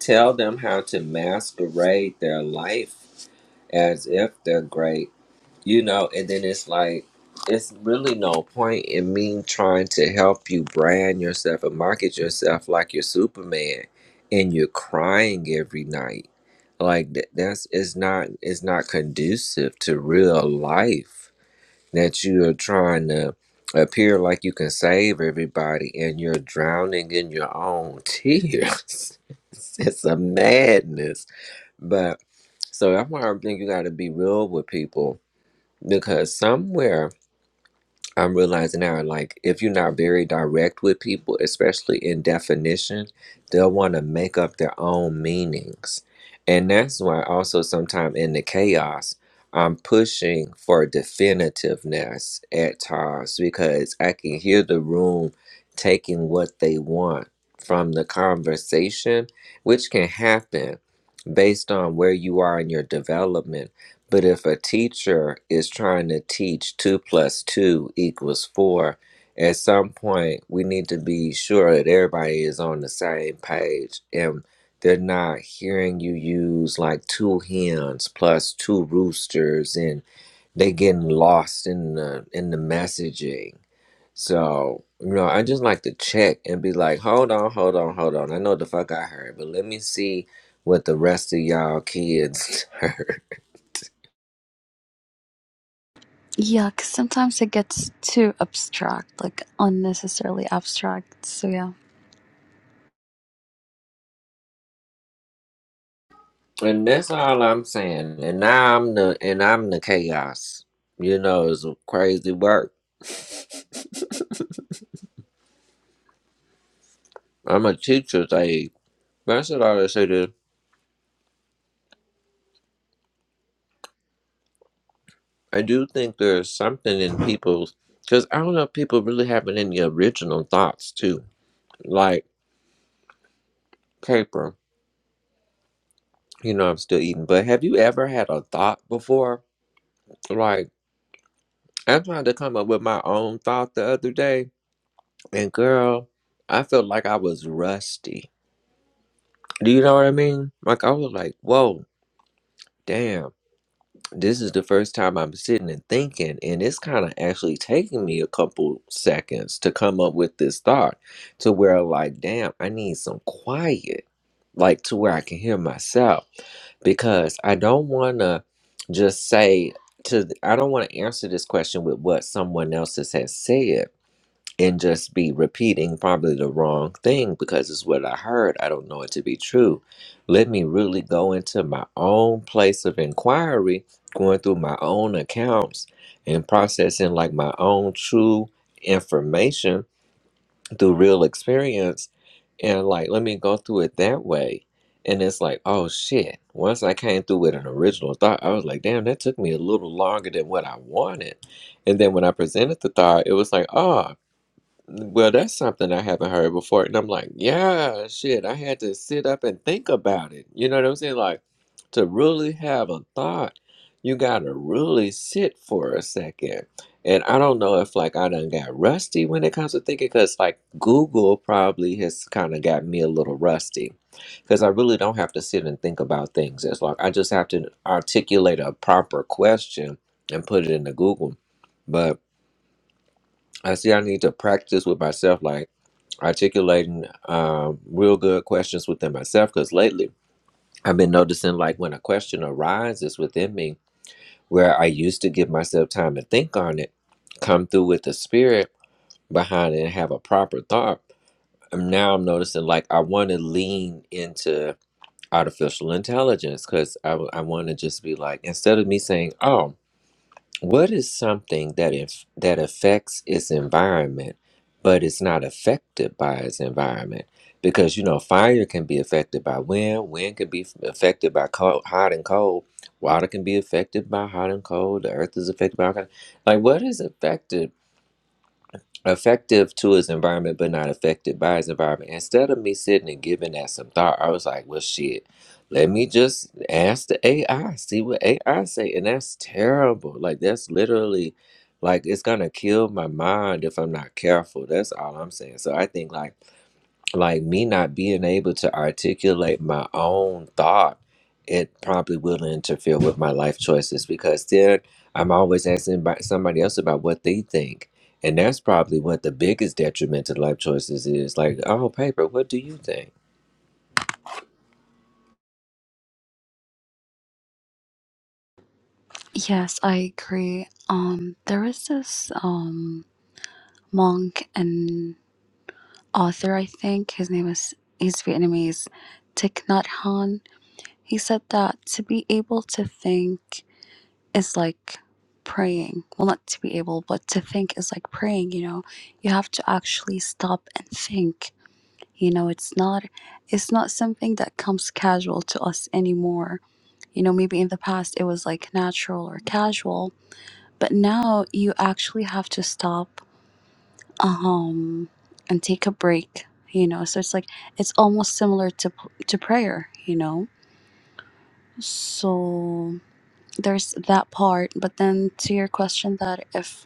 Speaker 4: tell them how to masquerade their life as if they're great, you know, and then it's like, it's really no point in me trying to help you brand yourself and market yourself like you're Superman and you're crying every night. Like th- that's it's not it's not conducive to real life that you are trying to appear like you can save everybody and you're drowning in your own tears. it's a madness. but. So that's why I think you got to be real with people because somewhere I'm realizing now, like, if you're not very direct with people, especially in definition, they'll want to make up their own meanings. And that's why also sometimes in the chaos, I'm pushing for definitiveness at times because I can hear the room taking what they want from the conversation, which can happen based on where you are in your development but if a teacher is trying to teach two plus two equals four, at some point we need to be sure that everybody is on the same page and they're not hearing you use like two hens plus two roosters and they getting lost in the in the messaging. So, you know, I just like to check and be like, hold on, hold on, hold on. I know the fuck I heard, but let me see what the rest of y'all kids heard
Speaker 5: Yeah, because sometimes it gets too abstract, like unnecessarily abstract. So, yeah.
Speaker 4: And that's all I'm saying. And now I'm the and I'm the chaos. You know, it's crazy work. I'm a teacher. They that's what I always say. To I do think there's something in people's because I don't know if people really having any original thoughts too. Like paper, you know, I'm still eating. But have you ever had a thought before? Like I tried to come up with my own thought the other day, and girl, I felt like I was rusty. Do you know what I mean? Like I was like, whoa. Damn this is the first time I'm sitting and thinking, and it's kind of actually taking me a couple seconds to come up with this thought to where, like, damn, I need some quiet, like, to where I can hear myself because I don't want to just say to, th- I don't want to answer this question with what someone else has has said and just be repeating probably the wrong thing because it's what I heard. I don't know it to be true. Let me really go into my own place of inquiry, going through my own accounts and processing like my own true information through real experience. And like, let me go through it that way. And it's like, oh shit. Once I came through with an original thought, I was like, damn, that took me a little longer than what I wanted. And then when I presented the thought, it was like, oh well, that's something I haven't heard before. And I'm like, yeah, shit, I had to sit up and think about it. You know what I'm saying? Like, to really have a thought, you gotta really sit for a second. And I don't know if like I done got rusty when it comes to thinking, because like Google probably has kind of got me a little rusty. Because I really don't have to sit and think about things It's like I just have to articulate a proper question and put it into Google. But I see I need to practice with myself. Like, articulating uh, real good questions within myself because lately I've been noticing like when a question arises within me where I used to give myself time to think on it, come through with the spirit behind it and have a proper thought. And now I'm noticing like I want to lean into artificial intelligence because I, w- I want to just be like, instead of me saying, oh, what is something that if that affects its environment, but it's not affected by its environment? Because you know, fire can be affected by wind, wind can be f- affected by cold, hot and cold, water can be affected by hot and cold, the earth is affected by all like what is affected effective to his environment but not affected by his environment. Instead of me sitting and giving that some thought, I was like, well shit, let me just ask the AI, see what AI say. And that's terrible. Like that's literally like it's gonna kill my mind if I'm not careful. That's all I'm saying. So I think like like me not being able to articulate my own thought it probably will interfere with my life choices because then i'm always asking by somebody else about what they think and that's probably what the biggest detriment to life choices is like oh paper what do you think
Speaker 5: Yes, I agree. Um, there was this um monk and author, I think his name is he's Vietnamese, Thich Nhat Hanh. He said that to be able to think is like praying. Well, not to be able, but to think is like praying, you know. You have to actually stop and think. You know, it's not it's not something that comes casual to us anymore. You know, maybe in the past it was like natural or casual, but now you actually have to stop um and take a break, you know. So it's like it's almost similar to to prayer, you know. So there's that part, but then to your question that if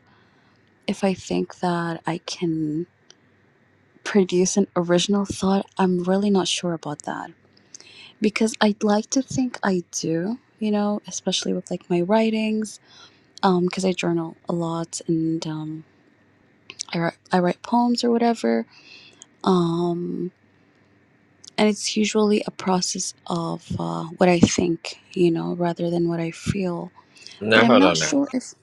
Speaker 5: if I think that I can produce an original thought, I'm really not sure about that because I'd like to think I do, you know, especially with like my writings, um, because I journal a lot and um, I write I write poems or whatever, um, and it's usually a process of uh, what I think, you know, rather than what I feel. But
Speaker 4: now
Speaker 5: I'm
Speaker 4: hold
Speaker 5: not
Speaker 4: on now
Speaker 5: sure if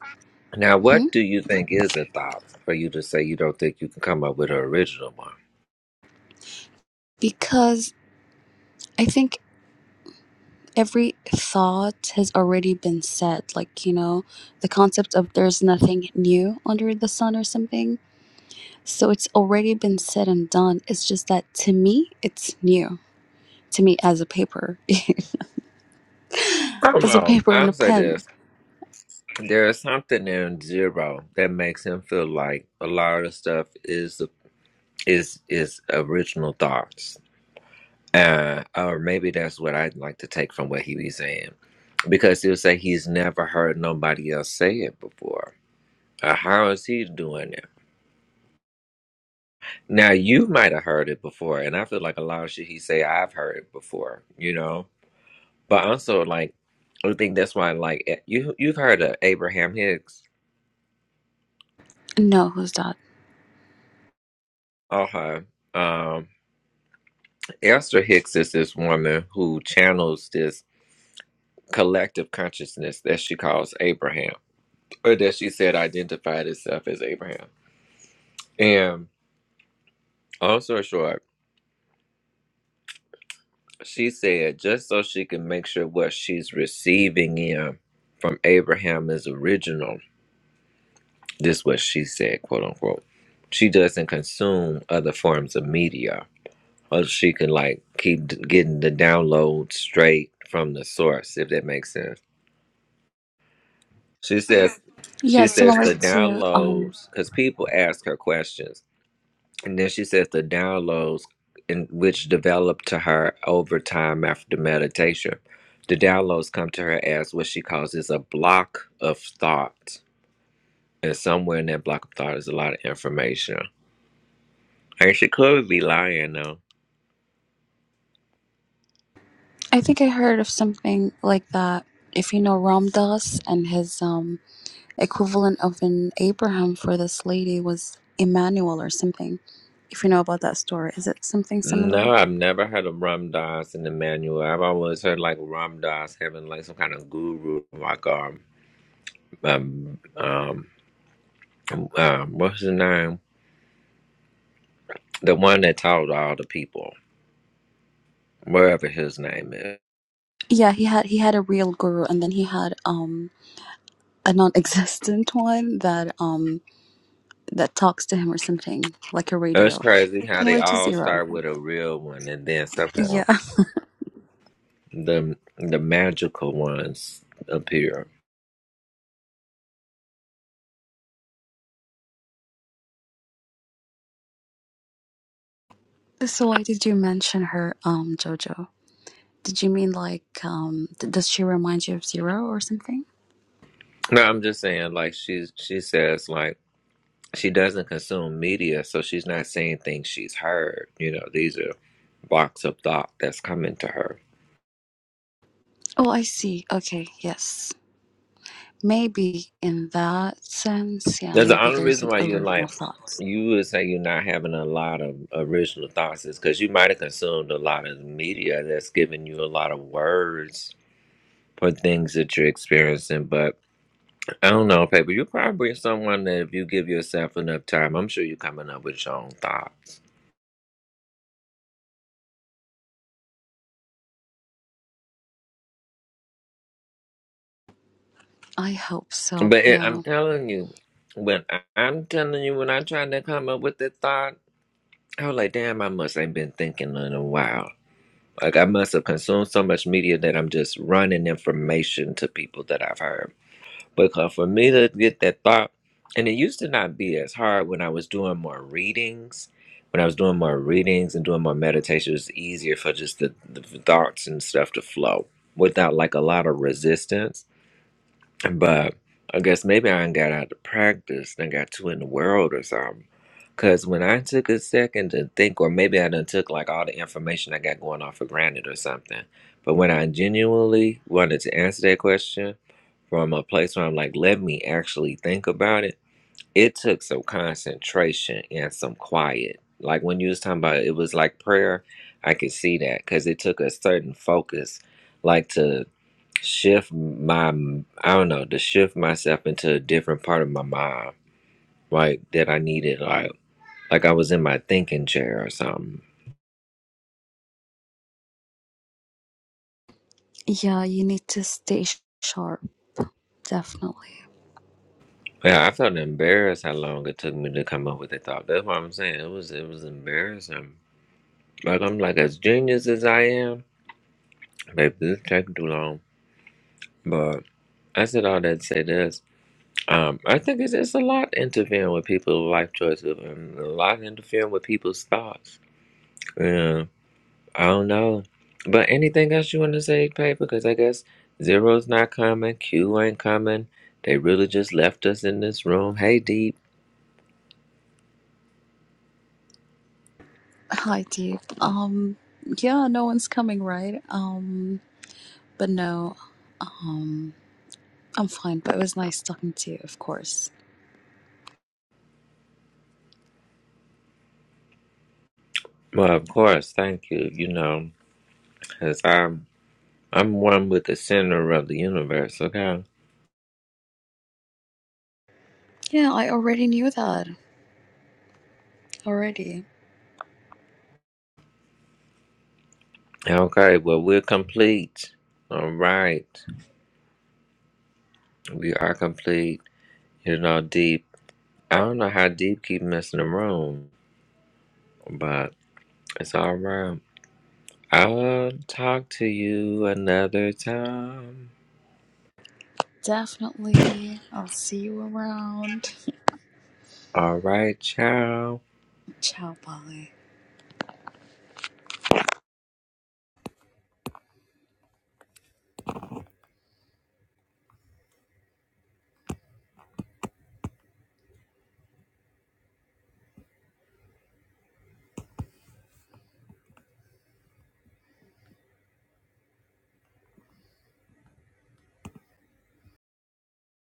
Speaker 4: now what
Speaker 5: hmm?
Speaker 4: do you think is a thought for you to say you don't think you can come up with an original one
Speaker 5: because. I think every thought has already been said like you know the concept of there's nothing new under the sun or something so it's already been said and done it's just that to me it's new to me as a paper
Speaker 4: come
Speaker 5: as a
Speaker 4: on
Speaker 5: paper and a
Speaker 4: i'll say
Speaker 5: pen
Speaker 4: this there is something in zero that makes him feel like a lot of stuff is the is is original thoughts uh or maybe that's what i'd like to take from what he was saying because he'll say he's never heard nobody else say it before Uh, how is he doing it now you might have heard it before and i feel like a lot of shit he say i've heard it before you know but also like i think that's why like eh, you you've heard of abraham hicks
Speaker 5: no who's that
Speaker 4: uh-huh um esther hicks is this woman who channels this collective consciousness that she calls abraham or that she said identified herself as Abraham. And also short, she said just so she can make sure what she's receiving in from Abraham is original. This is what she said, quote unquote. She doesn't consume other forms of media, or she can like keep d- getting the download straight from the source, if that makes sense. She says,
Speaker 5: yeah
Speaker 4: she says
Speaker 5: similar
Speaker 4: the
Speaker 5: to um
Speaker 4: downloads because people ask her questions And then she says the downloads in which develop to her over time after meditation. The downloads come to her as what she calls is a block of thought. And somewhere in that block of thought is a lot of information. And she could be lying though.
Speaker 5: i think i heard of something like that if you know ram dass and his um equivalent of an Abraham for this lady was Emmanuel or something. If you know about that story, is it something
Speaker 4: No,
Speaker 5: similar?
Speaker 4: I've never heard of Ram Dass in the manual. I've always heard like Ram Dass having like some kind of guru, like um, um, um, um what's his name? The one that taught all the people, wherever his name is.
Speaker 5: Yeah, he had he had a real guru, and then he had um a non-existent one that um that talks to him or something like a
Speaker 4: It's
Speaker 5: radio,
Speaker 4: crazy how they
Speaker 5: similar to
Speaker 4: all
Speaker 5: Zero. I
Speaker 4: start
Speaker 5: think.
Speaker 4: with a real one and then somehow
Speaker 5: Yeah.
Speaker 4: the the magical ones appear.
Speaker 5: So why did you mention her, um, Jojo? Did you mean like um th- does she remind you of Zero or something?
Speaker 4: No, I'm just saying like she's she says like she doesn't consume media, so she's not saying things she's heard. You know, these are blocks of thought that's coming to her.
Speaker 5: Oh, I see. Okay, yes. Maybe in that sense, yeah,
Speaker 4: That's the
Speaker 5: maybe
Speaker 4: only
Speaker 5: there's
Speaker 4: reason
Speaker 5: an
Speaker 4: why you
Speaker 5: original
Speaker 4: like
Speaker 5: thought.
Speaker 4: you would say you're not having a lot of original thoughts is because you might have consumed a lot of media that's giving you a lot of words for things that you're experiencing, but I don't know, paper. You're probably someone that if you give yourself enough time, I'm sure you're coming up with your own thoughts.
Speaker 5: I hope so,
Speaker 4: But it,
Speaker 5: yeah.
Speaker 4: I'm telling you, when I, I'm telling you, when I tried to come up with the thought, I was like, damn, I must ain't been thinking in a while. Like I must have consumed so much media that I'm just running information to people that I've heard. because for me to get that thought, and it used to not be as hard when I was doing more readings. When I was doing more readings and doing more meditation, it was easier for just the, the thoughts and stuff to flow without like a lot of resistance. But I guess maybe I ain't got out of practice and got too in the world or something. Cause when I took a second to think, or maybe I done took like all the information I got going on for granted or something. But when I genuinely wanted to answer that question, from a place where I'm like, let me actually think about it. It took some concentration and some quiet. Like when you was talking about it, it was like prayer. I could see that because it took a certain focus, like to shift my, I don't know, to shift myself into a different part of my mind, right? That I needed, like, like I was in my thinking chair or something.
Speaker 5: Yeah, you need to stay sh- sharp, definitely.
Speaker 4: Yeah, I felt embarrassed how long it took me to come up with the thought. That's what I'm saying. It was, it was embarrassing. Like I'm like as genius as I am. Like this is taking too long. But I said all that to say this. Um, I think it's, it's a lot interfering with people's life choices and a lot interfering with people's thoughts. Yeah, I don't know. But anything else you want to say, Pay? Because I guess Zero's not coming, Q ain't coming. They really just left us in this room. Hey, Deep.
Speaker 5: Hi, Deep. Um, yeah, no one's coming, right? Um, but no, um, I'm fine, but it was nice talking to you, of course.
Speaker 4: Well, of course, thank you. You know, because I'm, I'm one with the center of the universe, okay?
Speaker 5: Yeah, I already knew that. Already.
Speaker 4: Okay, well, we're complete. All right. We are complete. You know, deep. I don't know how deep keep messing around, but it's all right. I'll talk to you another time.
Speaker 5: Definitely. I'll see you around.
Speaker 4: All right, ciao.
Speaker 5: Ciao, bye.